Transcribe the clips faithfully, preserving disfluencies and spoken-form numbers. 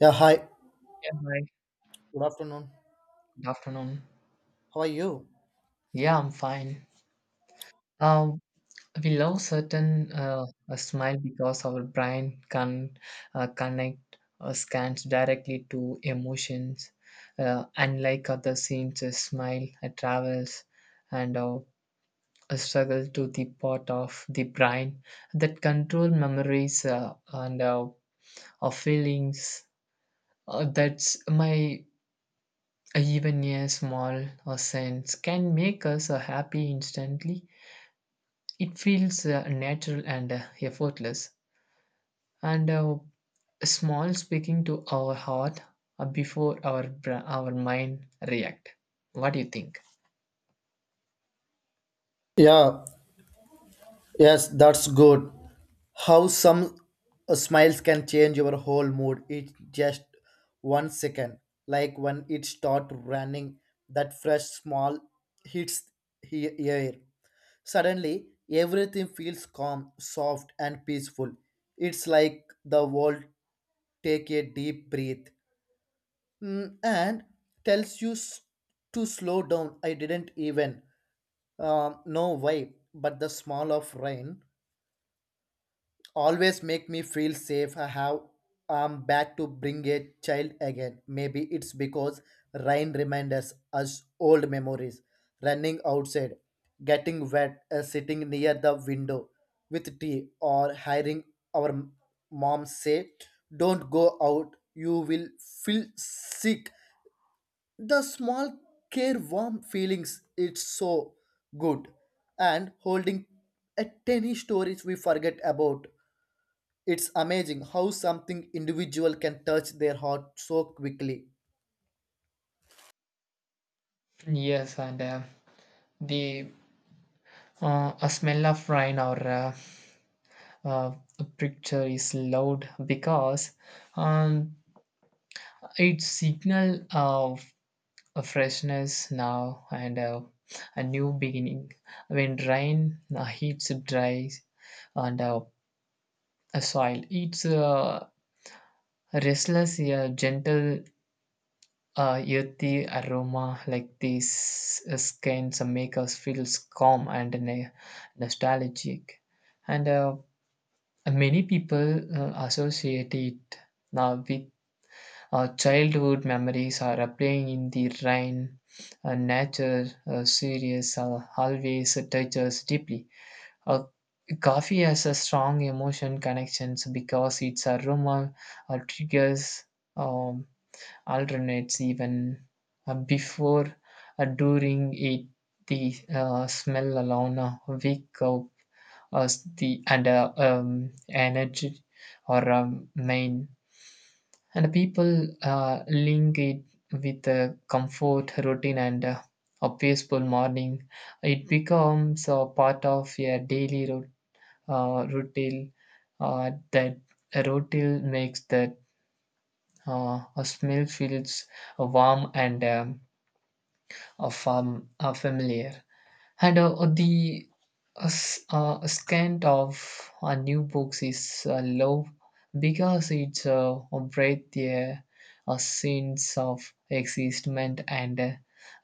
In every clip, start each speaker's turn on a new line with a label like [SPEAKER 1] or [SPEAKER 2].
[SPEAKER 1] Yeah, hi.
[SPEAKER 2] Yeah, hi.
[SPEAKER 1] Good afternoon.
[SPEAKER 2] Good afternoon.
[SPEAKER 1] How are you?
[SPEAKER 2] Yeah, I'm fine. Uh, we love certain uh, a smile because our brain can uh, connect uh, scans directly to emotions. Uh, unlike other scenes, a smile uh, travels and uh, a struggle to the part of the brain that control memories uh, and uh, of feelings. Uh, that's my Even a small uh, sense can make us uh, happy instantly. It feels uh, natural and uh, effortless, and uh, small speaking to our heart uh, before our bra- our mind react. What do you think?
[SPEAKER 1] Yeah, yes, that's good. How some uh, smiles can change your whole mood. It's just one second. Like when it start running, that fresh small hits he- ear. Suddenly, everything feels calm, soft, and peaceful. It's like the world take a deep breath, mm, and tells you s- to slow down. I didn't even Um, no why, but the smell of rain always make me feel safe. I have I'm back to bring a child again. Maybe it's because rain reminds us old memories. Running outside, getting wet, uh, sitting near the window with tea, or hearing our mom say, "Don't go out. You will feel sick." The small care warm feelings, it's so good, and holding a tiny stories we forget about. It's amazing how something individual can touch their heart so quickly.
[SPEAKER 2] Yes, and uh, the uh, a smell of rain or uh, uh, a picture is loud because um, it signal of a freshness now and uh, a new beginning. When rain uh, hits dry and uh, a soil. It's uh, restless, yeah, gentle, uh, earthy aroma like these uh, skins make us feel calm and ne- nostalgic. And uh, many people uh, associate it now with uh, childhood memories or uh, playing in the rain. Uh, nature, uh, serious, uh, always touches deeply. Uh, Coffee has a strong emotion connections because its aroma uh, triggers um, alternates even uh, before uh, during it the uh, smell alone uh, wake up us the and uh, um, energy or um, main, and people uh, link it with uh, comfort routine and uh, a peaceful morning. It becomes a part of a daily routine, uh, rotel, uh, that a rotel makes that uh, a smell feels warm and um, uh, fam- uh, familiar. And uh, the uh, s- uh, scent of uh, new books is uh, low because it's uh, breathe the uh, sense of existment and uh,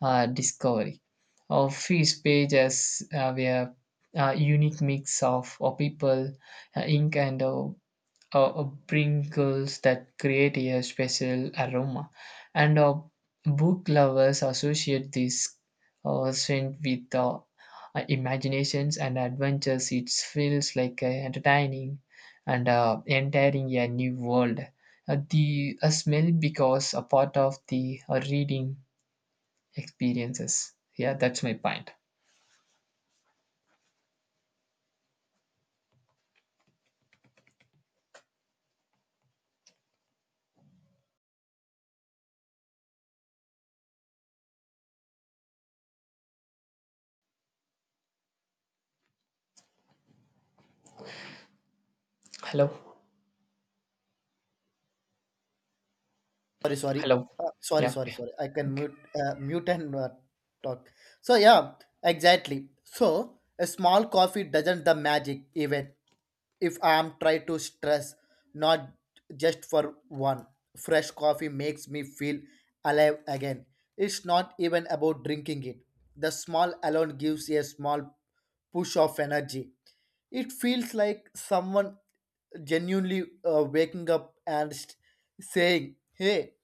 [SPEAKER 2] uh, discovery of his pages. Uh, we have a unique mix of uh, people, uh, ink, and uh, uh, uh, sprinkles that create a special aroma. And uh, book lovers associate this uh, scent with uh, uh, imaginations and adventures. It feels like uh, entertaining and uh, entering a new world. Uh, the uh, smell becomes a part of the uh, reading experiences. Yeah, that's my point. Hello,
[SPEAKER 1] Sorry sorry
[SPEAKER 2] hello.
[SPEAKER 1] Uh, sorry
[SPEAKER 2] Yeah.
[SPEAKER 1] sorry sorry I can
[SPEAKER 2] Okay.
[SPEAKER 1] mute. Uh, mute and uh, talk. So yeah, exactly. So a small coffee doesn't the magic, even if I'm try to stress, not just for one. Fresh coffee makes me feel alive again. It's not even about drinking it. The small alone gives a small push of energy. It feels like someone genuinely uh, waking up and st- saying, "Hey,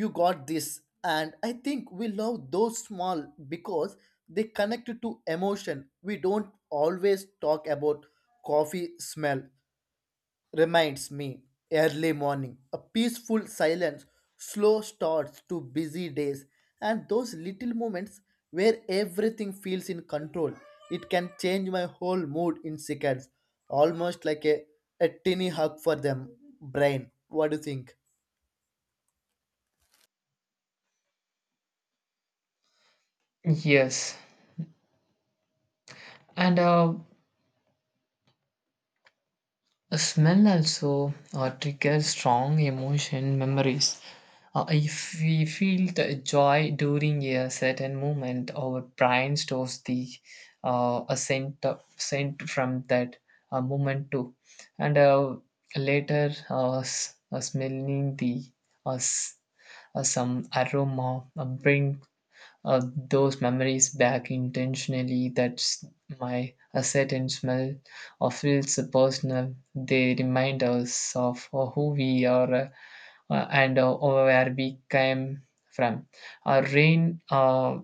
[SPEAKER 1] you got this." And I think we love those small because they connect to emotion we don't always talk about. Coffee smell reminds me early morning, a peaceful silence, slow starts to busy days, and those little moments where everything feels in control. It can change my whole mood in seconds, almost like a, a tiny hug for them brain. What do you think?
[SPEAKER 2] Yes, and uh, a smell also uh, triggers strong emotion memories. Uh, if we feel the joy during a certain moment, our brain stores the uh, a scent, uh, scent from that uh, moment too. And uh, later, uh, s- uh, smelling the uh, s- uh, some aroma uh, brings uh, those memories back intentionally. That's my a certain smell or feels personal. They remind us of uh, who we are uh, and uh, where we came from. Uh, rain uh,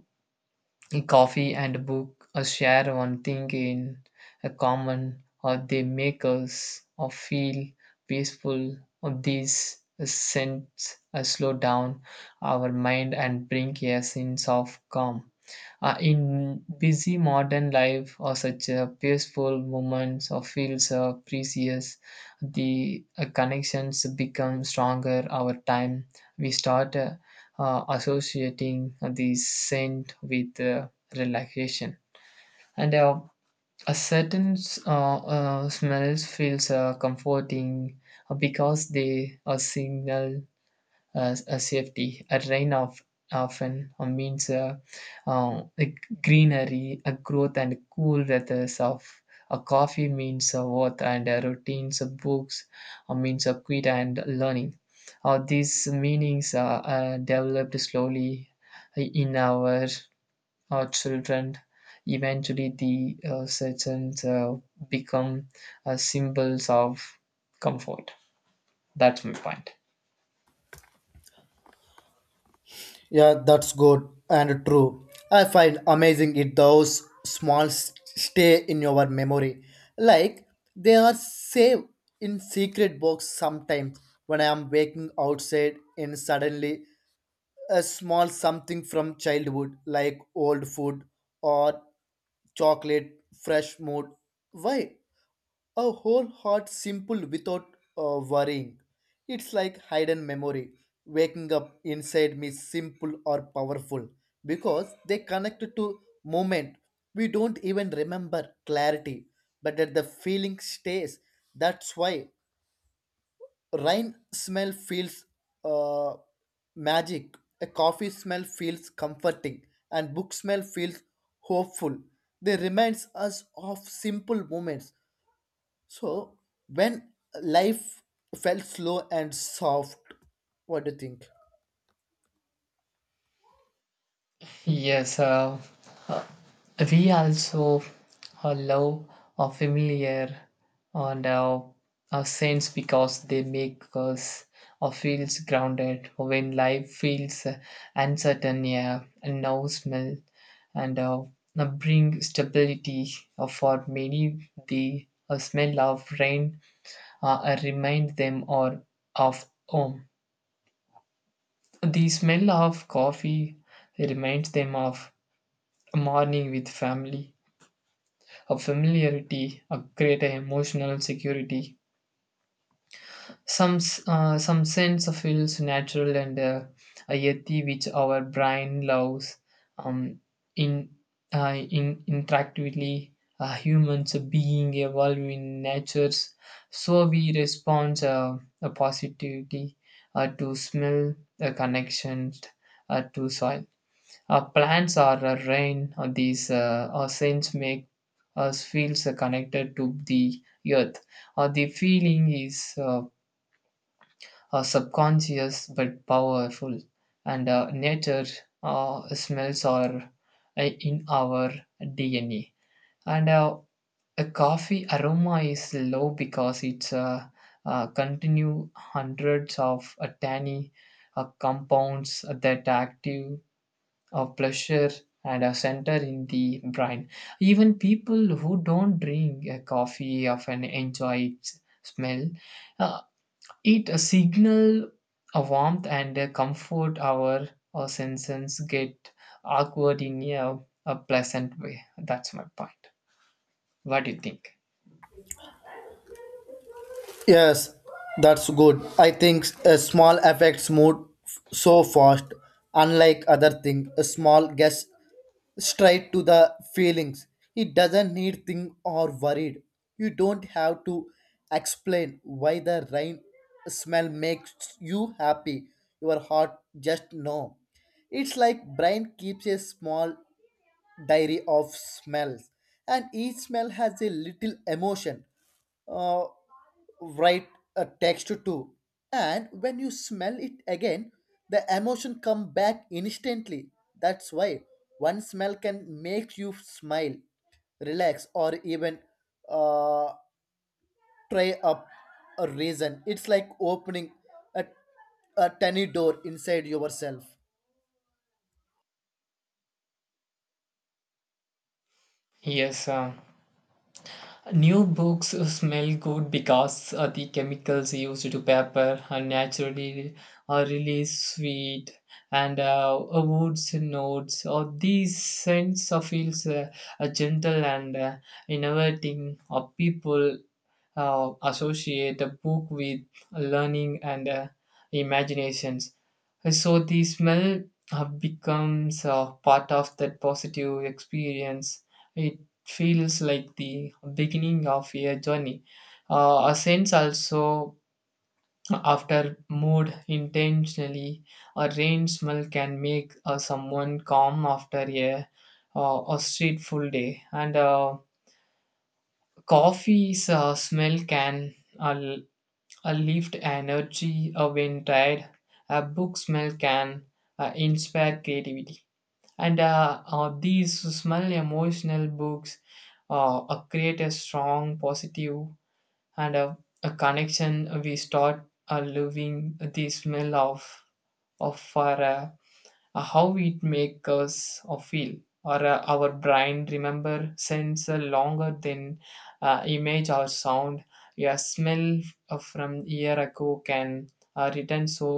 [SPEAKER 2] Coffee and a book uh, share one thing in a common, or they make us or feel peaceful. Or these scents uh, slow down our mind and bring a sense of calm. Uh, in busy modern life, or such uh, peaceful moments or feels uh, precious, the uh, connections become stronger. Our time we start, Uh, uh, associating the scent with uh, relaxation. And uh, a certain uh, uh, smells feels uh, comforting uh, because they uh, signal as a safety. A rain of often uh, means uh, uh, a greenery, a growth, and cool weathers of a coffee means a worth and a routines of books uh, means a quit and learning. Uh, these meanings are uh, developed slowly uh, in our uh, children. Eventually, the uh, certain uh, become uh, symbols of comfort. That's my point.
[SPEAKER 1] Yeah, that's good and true. I find amazing it those small s- stay in your memory. Like they are saved in secret box sometimes. When I am waking outside and suddenly a small something from childhood, like old food or chocolate, fresh mood, why a whole heart simple without uh, worrying. It's like hidden memory waking up inside me, simple or powerful, because they connect to moment we don't even remember clarity, but that the feeling stays. That's why rain smell feels uh, magic, a coffee smell feels comforting, and book smell feels hopeful. They reminds us of simple moments. So when life felt slow and soft. What do you think?
[SPEAKER 2] Yes, uh, uh, we also uh, love our familiar and our, our saints because they make us uh, feels grounded when life feels uh, uncertain. Yeah, and no smell and uh, uh, bring stability. Uh, for many, the uh, smell of rain uh, uh, remind them or of home. The smell of coffee reminds them of a morning with family. A familiarity, a greater emotional security, some s- uh, some sense of feels natural and uh, a yeti which our brain loves. Um, in uh, in interactively, uh, humans being evolve in natures, so we respond uh, a positivity uh, to smell, a connection uh, to soil. Our plants or our rain or these uh, our scents make us feels uh, connected to the earth. Or the feeling is uh, uh, subconscious but powerful, and uh, nature uh, smells are uh, in our D N A. And uh, a coffee aroma is low because it's uh, uh, continue hundreds of uh, tiny uh, compounds that active of pleasure and a center in the brain. Even people who don't drink a coffee often enjoy its smell. Uh, it a signal a warmth and a comfort, our, our senses get awkward in a, a pleasant way. That's my point. What do you think?
[SPEAKER 1] Yes, that's good. I think a small affects mood f- so fast. Unlike other thing, a small gets straight to the feelings. It doesn't need think or worried. You don't have to explain why the rain smell makes you happy. Your heart just know. It's like brain keeps a small diary of smells, and each smell has a little emotion, uh, write a text to. And when you smell it again, the emotion come back instantly. That's why one smell can make you smile, relax, or even uh, try up a reason. It's like opening a, a tiny door inside yourself.
[SPEAKER 2] Yes, uh, new books smell good because uh, the chemicals used to paper are naturally are really sweet, and uh, a wood's notes or these scents of feels uh, uh, gentle and uh, innovating. Or people uh, associate a book with learning and uh, imaginations. Hey, so the smell uh, becomes uh, part of that positive experience. It feels like the beginning of a journey. Uh, a sense also after mood intentionally, a rain smell can make uh, someone calm after a uh, a street full day, and uh, coffee's uh, smell can uh, a lift energy, a wind tide, a book smell can uh, inspire creativity. And uh, uh, these small emotional books uh, uh, create a strong positive and a, a connection. We start uh, living the smell of of fire, uh, how it makes us or feel. Or uh, our brain remember sense uh, longer than uh, image or sound. A smell uh, from year ago can uh, return so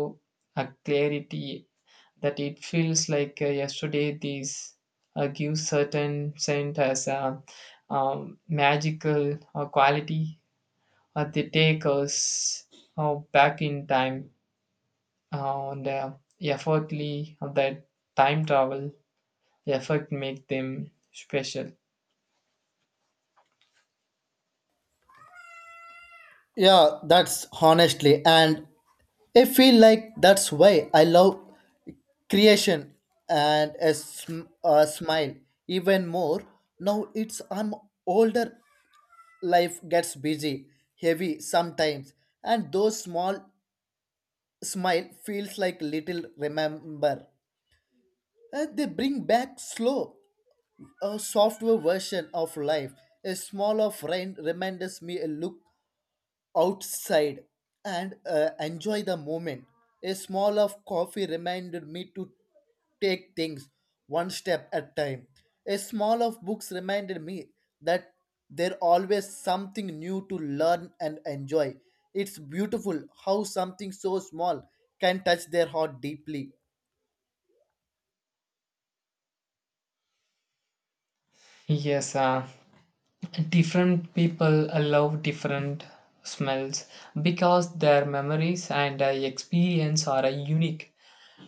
[SPEAKER 2] a clarity that it feels like uh, yesterday. These uh, give certain scent as a um, magical uh, quality. Uh, they take us uh, back in time uh, and uh, effortly of that time travel effort make them special.
[SPEAKER 1] Yeah, that's honestly, and I feel like that's why I love creation and a, sm- a smile even more. Now it's I'm older, life gets busy, heavy sometimes, and those small smile feels like little remember. Uh, they bring back slow, a software version of life. A small of rain reminds me a look outside and uh, enjoy the moment. A small of coffee reminded me to take things one step at time. A small of books reminded me that there always something new to learn and enjoy. It's beautiful how something so small can touch their heart deeply.
[SPEAKER 2] Yes, uh, different people love different smells because their memories and uh, experience are uh, unique.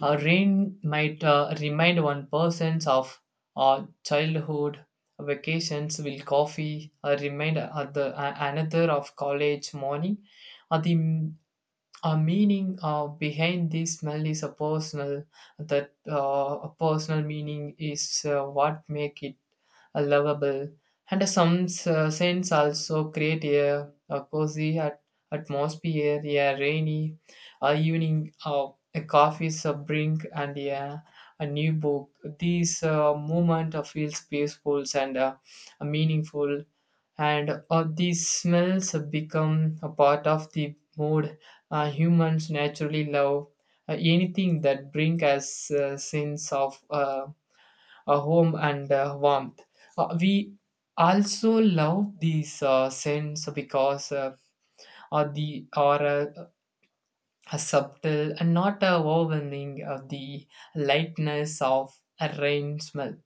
[SPEAKER 2] A rain might uh, remind one persons of uh, childhood vacations, will coffee uh, remind other uh, another of college morning. Or the a meaning uh, behind this smell is a personal, that uh, a personal meaning is uh, what make it uh, lovable. And some uh, scents also create a, a cozy at- atmosphere, a rainy uh, evening, uh, a coffee a drink, and yeah a new book. These uh, moment uh, feels peaceful and uh, meaningful. And uh, these smells have become a part of the mood, uh, humans naturally love uh, anything that brings us a sense of uh, a home and uh, warmth. Uh, we also love these uh, scents because uh, are the are a, a subtle and not a overwhelming of the lightness of a rain smell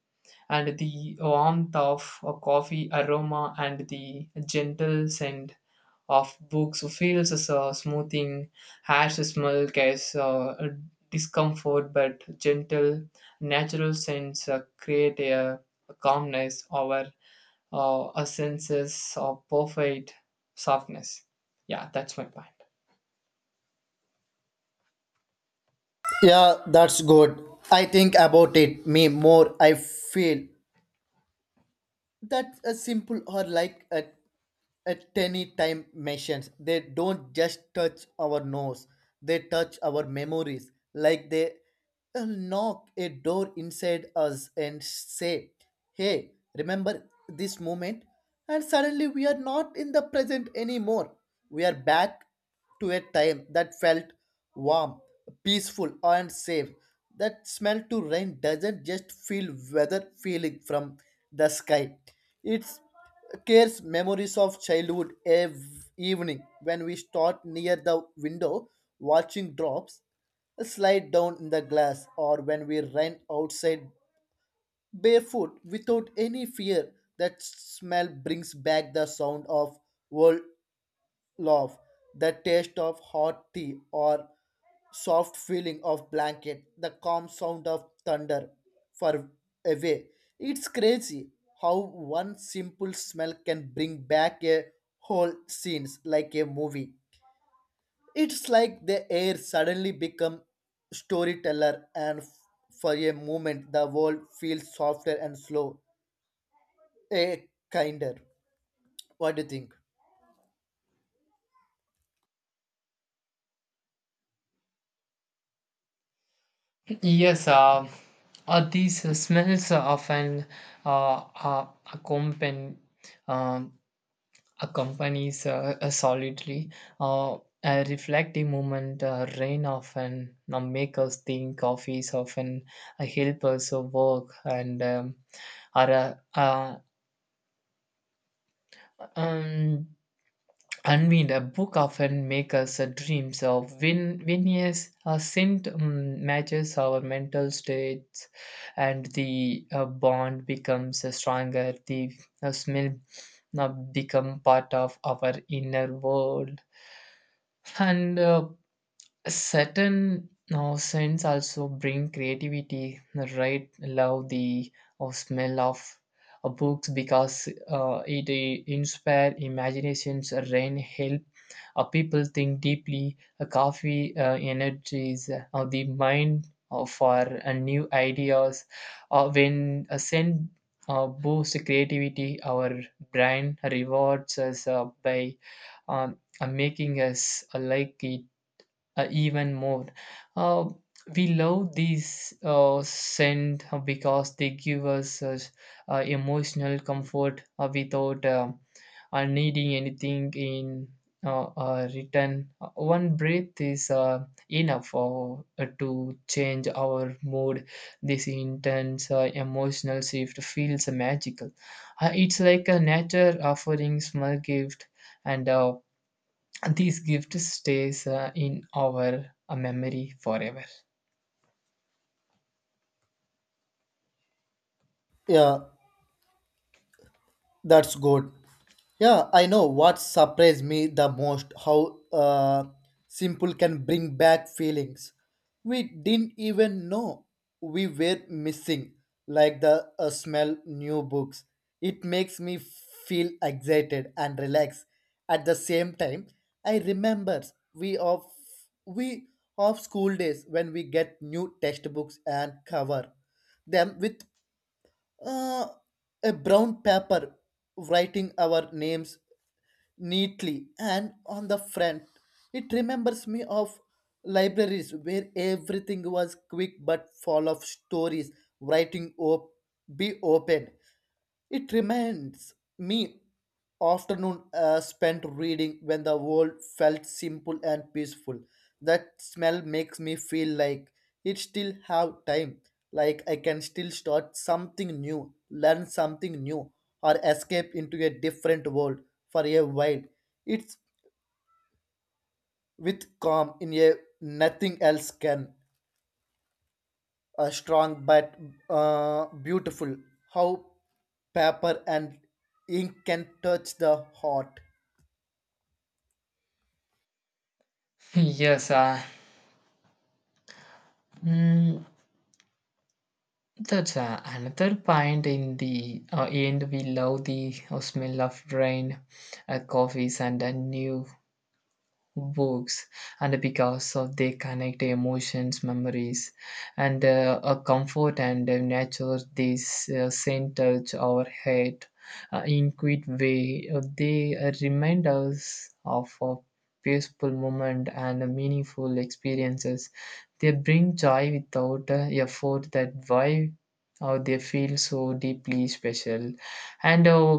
[SPEAKER 2] and the warmth of a coffee aroma and the gentle scent of books feels as uh, smoothing as the smell gives uh, a discomfort but gentle natural scents uh, create a, a calmness over uh, a senses of perfect softness. Yeah, that's my point.
[SPEAKER 1] Yeah, that's good. I think about it. Me more. I feel that a simple or like a at any time machines. They don't just touch our nose, they touch our memories. Like they uh, knock a door inside us and say, "Hey, remember this moment?" And suddenly we are not in the present anymore. We are back to a time that felt warm, peaceful, and safe. That smell to rain doesn't just feel weather feeling from the sky. It's cares memories of childhood ev- evening when we stood near the window watching drops slide down in the glass, or when we ran outside barefoot without any fear. That smell brings back the sound of world love, the taste of hot tea or soft feeling of blanket, the calm sound of thunder far away. It's crazy how one simple smell can bring back a whole scenes like a movie. It's like the air suddenly become storyteller, and f- for a moment the world feels softer and slow, a kinder. What do you think?
[SPEAKER 2] Yes, uh, uh, these uh, smells often uh, uh, accompany um, accompanies uh, uh, solidly uh, uh, reflect the moment uh, rain often uh, make us think coffees often uh, help us uh, work and um, are uh, uh, um, Unwind, a book often makes us uh, dreams of when when yes, a scent um, matches our mental states, and the uh, bond becomes uh, stronger. The uh, smell now become part of our inner world, and uh, certain now scents also bring creativity right love the or smell of uh, books because uh, it uh, inspire imaginations rain help uh, people think deeply uh, coffee uh, energies uh, the mind uh, for uh, new ideas uh, when a scent uh, boosts creativity our brain rewards us uh, by um, uh, making us uh, like it uh, even more. Uh, we love these uh, scent because they give us uh, uh, emotional comfort uh, without um, uh, needing anything in uh, uh, return. Uh, One breath is uh, enough uh, uh, to change our mood. This intense uh, emotional shift feels magical. Uh, it's like a nature offering small gift and uh, this gift stays uh, in our uh, memory forever.
[SPEAKER 1] Yeah, that's good. Yeah, I know what surprised me the most, how uh, simple can bring back feelings we didn't even know we were missing, like the uh, smell new books. It makes me feel excited and relaxed. At the same time, I remember we of we of school days when we get new textbooks and cover them with uh, a brown paper, writing our names neatly and on the front. It remembers me of libraries where everything was quick but full of stories writing op- be opened. It reminds me afternoon uh, spent reading when the world felt simple and peaceful. That smell makes me feel like it still have time, like I can still start something new, learn something new, or escape into a different world for a while. It's with calm in a nothing else can. A strong but uh, beautiful. How paper and ink can touch the heart.
[SPEAKER 2] Yes, uh, mm, that's uh, another point in the uh, end. We love the uh, smell of rain, uh, coffees, and a new works and because of they connect emotions memories and uh, a comfort and a nature this uh, same touch our head uh, in quick way uh, they uh, remind us of a peaceful moment and uh, meaningful experiences they bring joy without uh, effort that why uh, they feel so deeply special and uh,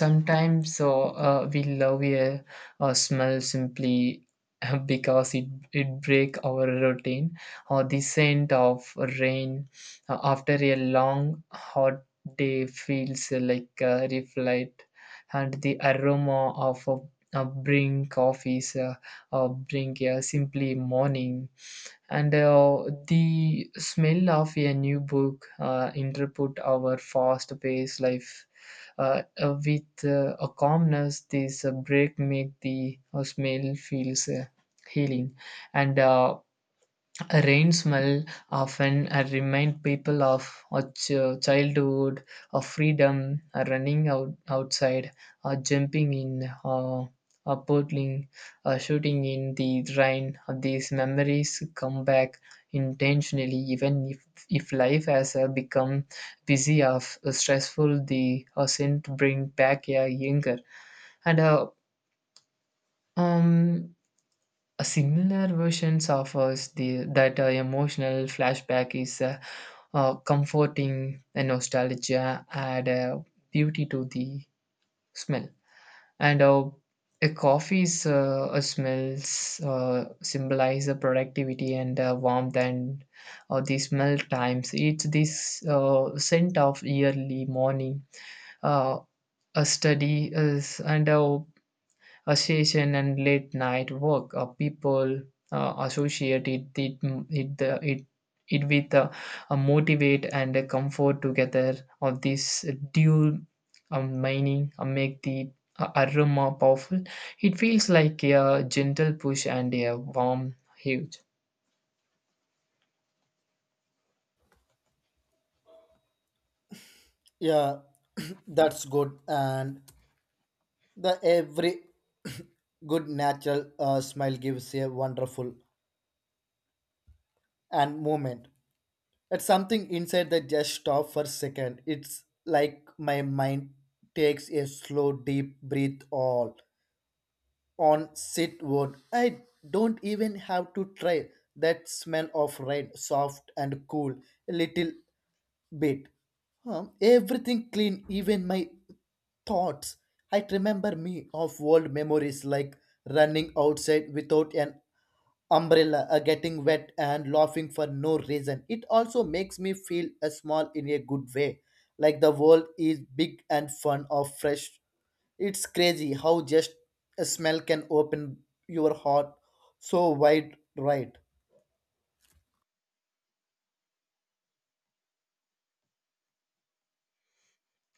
[SPEAKER 2] sometimes uh, uh, we love a or smell simply because it, it break our routine or the scent of rain uh, after a long hot day feels like a reflect, and the aroma of a, a brewing coffee is a, a brewing a simply morning, and uh, the smell of a new book uh, interpret our fast-paced life uh, uh, with uh, a calmness this uh, break make the uh, smell feels uh, healing. And uh, a rain smell often uh, remind people of a ch- childhood, of freedom, uh, running out outside, uh, jumping in, uh, uh, paddling, uh, shooting in the rain. Uh, these memories come back intentionally, even if if life has uh, become busy or stressful. The uh, scent bring back a younger and uh, um a similar version offers the that uh, emotional flashback is uh, uh, comforting, and nostalgia add uh, beauty to the smell. And uh, a coffee's uh, uh, smells uh, symbolize the productivity and uh, warmth, and uh, the smell times it's this uh, scent of early morning, uh, a study is and uh, a session and late night work. Uh, people uh, associate it it it, uh, it it with uh, a motivate and a comfort together of this dual um, mining uh, make the uh, aroma powerful. It feels like a gentle push and a warm hug.
[SPEAKER 1] Yeah, that's good. And the every good natural uh, smile gives a wonderful and moment. It's something inside that just stop for a second. It's like my mind takes a slow deep breath all on sit wood. I don't even have to try. That smell of rain, soft and cool, a little bit. Um, everything clean, even my thoughts. I remember me of old memories like running outside without an umbrella, uh, getting wet and laughing for no reason. It also makes me feel uh, small in a good way, like the world is big and fun or fresh. It's crazy how just a smell can open your heart so wide, right?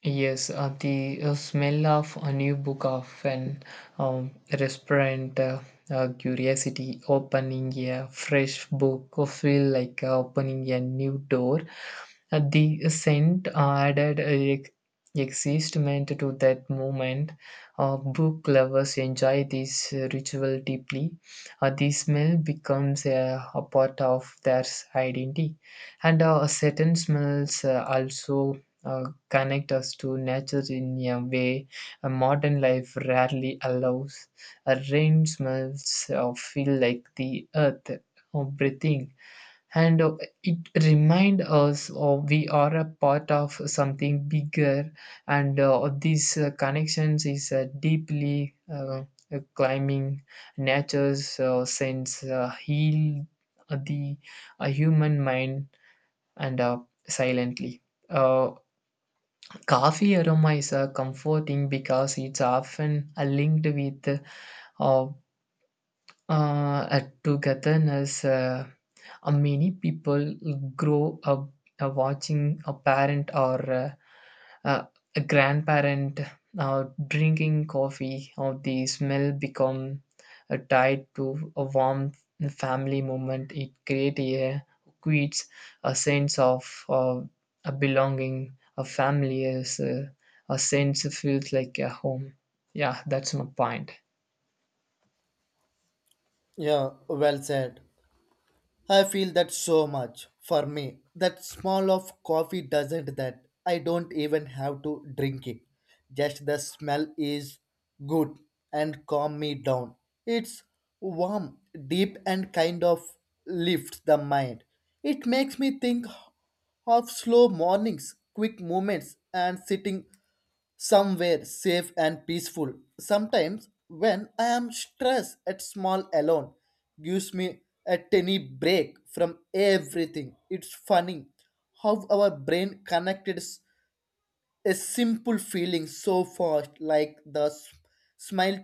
[SPEAKER 2] Yes, uh, the uh, smell of a new book of an um, restaurant, uh, uh, curiosity, opening a fresh book, or feel like uh, opening a new door. Uh, the scent added a excitement to that moment. Uh, book lovers enjoy this uh, ritual deeply. Uh, the smell becomes a, a part of their identity, and uh, certain smells uh, also Uh, connect us to nature in a way a modern life rarely allows. A rain smells or feel like the earth uh, breathing, and uh, it reminds us of we are a part of something bigger. And uh, these uh, connections is uh, deeply uh, uh, climbing nature's uh, sense uh, heal the uh, human mind and uh, silently. Uh, Coffee aroma is uh, comforting because it's often uh, linked with uh, uh, at togetherness, uh, uh, many people grow up uh, watching a parent or uh, uh, a grandparent uh, drinking coffee, or the smell become uh, tied to a warm family moment. It creates a creates a sense of uh, a belonging. A family is uh, a sense feels like a home. Yeah, that's my point.
[SPEAKER 1] Yeah, well said. I feel that so much. For me, that smell of coffee doesn't that. I don't even have to drink it. Just the smell is good and calm me down. It's warm, deep and kind of lifts the mind. It makes me think of slow mornings, quick movements, and sitting somewhere safe and peaceful. Sometimes, when I am stressed at small alone, gives me a tiny break from everything. It's funny how our brain connected s- a simple feeling so fast, like the s- smile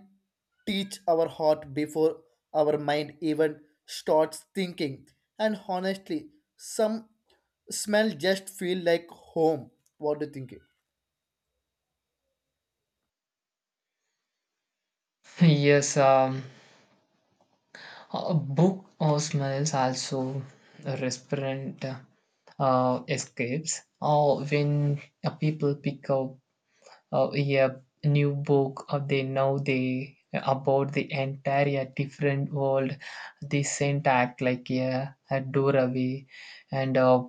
[SPEAKER 1] teach our heart before our mind even starts thinking. And honestly, some smell just feel like home. What do you think?
[SPEAKER 2] Yes, um, a book or smells also represent uh, escapes. Or when uh, people pick up uh, a new book, or they know they uh, about the entire different world. They sent act like a, a doorway, and uh,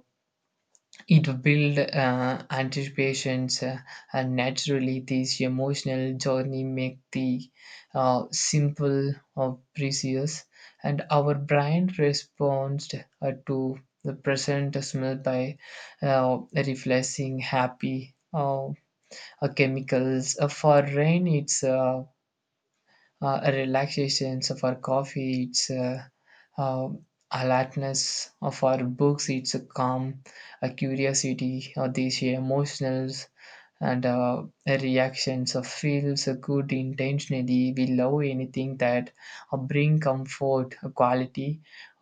[SPEAKER 2] it builds uh, anticipations, uh, and naturally, this emotional journey make the uh, simple or precious, and our brain responds uh, to the present smell by uh, reflexing happy uh, uh, chemicals. Uh, for rain, it's uh, uh, relaxations of our coffee it's uh, uh, alertness of our books it's a calm a curiosity or these emotionals and uh, reactions of feels good intentionally we love anything that uh, bring comfort a quality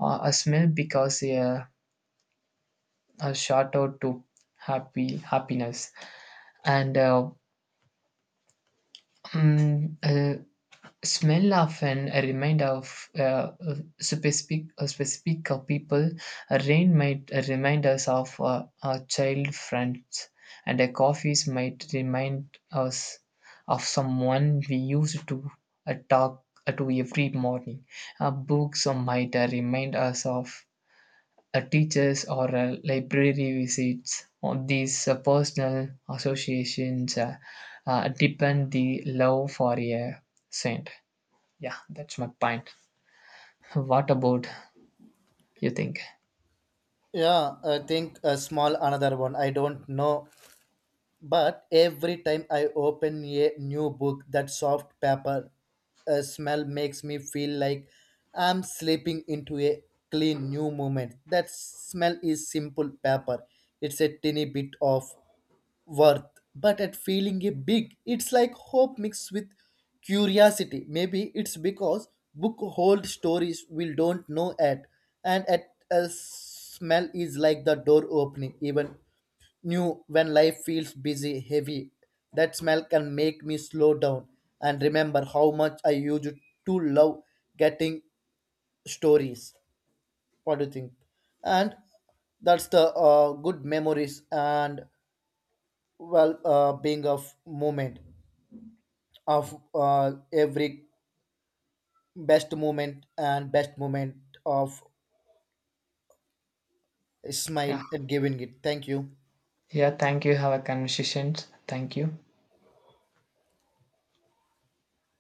[SPEAKER 2] uh, a smell because uh, a shout out to happy happiness, and uh, mm, uh, smell often a reminder of uh, specific a specific uh, people. Rain might remind us of uh, our child friends, and a coffees might remind us of someone we used to uh, talk uh, to every morning. Uh, books might uh, remind us of uh, teachers or uh, library visits on these uh, personal associations uh, uh, depend the love for a saint. Yeah, that's my point. What about you think?
[SPEAKER 1] Yeah, I think a small another one. I don't know, but every time I open a new book, that soft paper uh, smell makes me feel like I'm slipping into a clean new moment. That smell is simple paper. It's a tiny bit of worth, but at feeling a big. It's like hope mixed with curiosity. Maybe it's because book hold stories we don't know at. And at a smell is like the door opening even new. When life feels busy heavy, that smell can make me slow down and remember how much I used to love getting stories. What do you think? And that's the uh, good memories and well, uh, being a f- moment of uh, every best moment and best moment of a
[SPEAKER 2] Yeah.
[SPEAKER 1] smile. And giving it, thank you.
[SPEAKER 2] Yeah, thank you. Have a conversation. Thank you.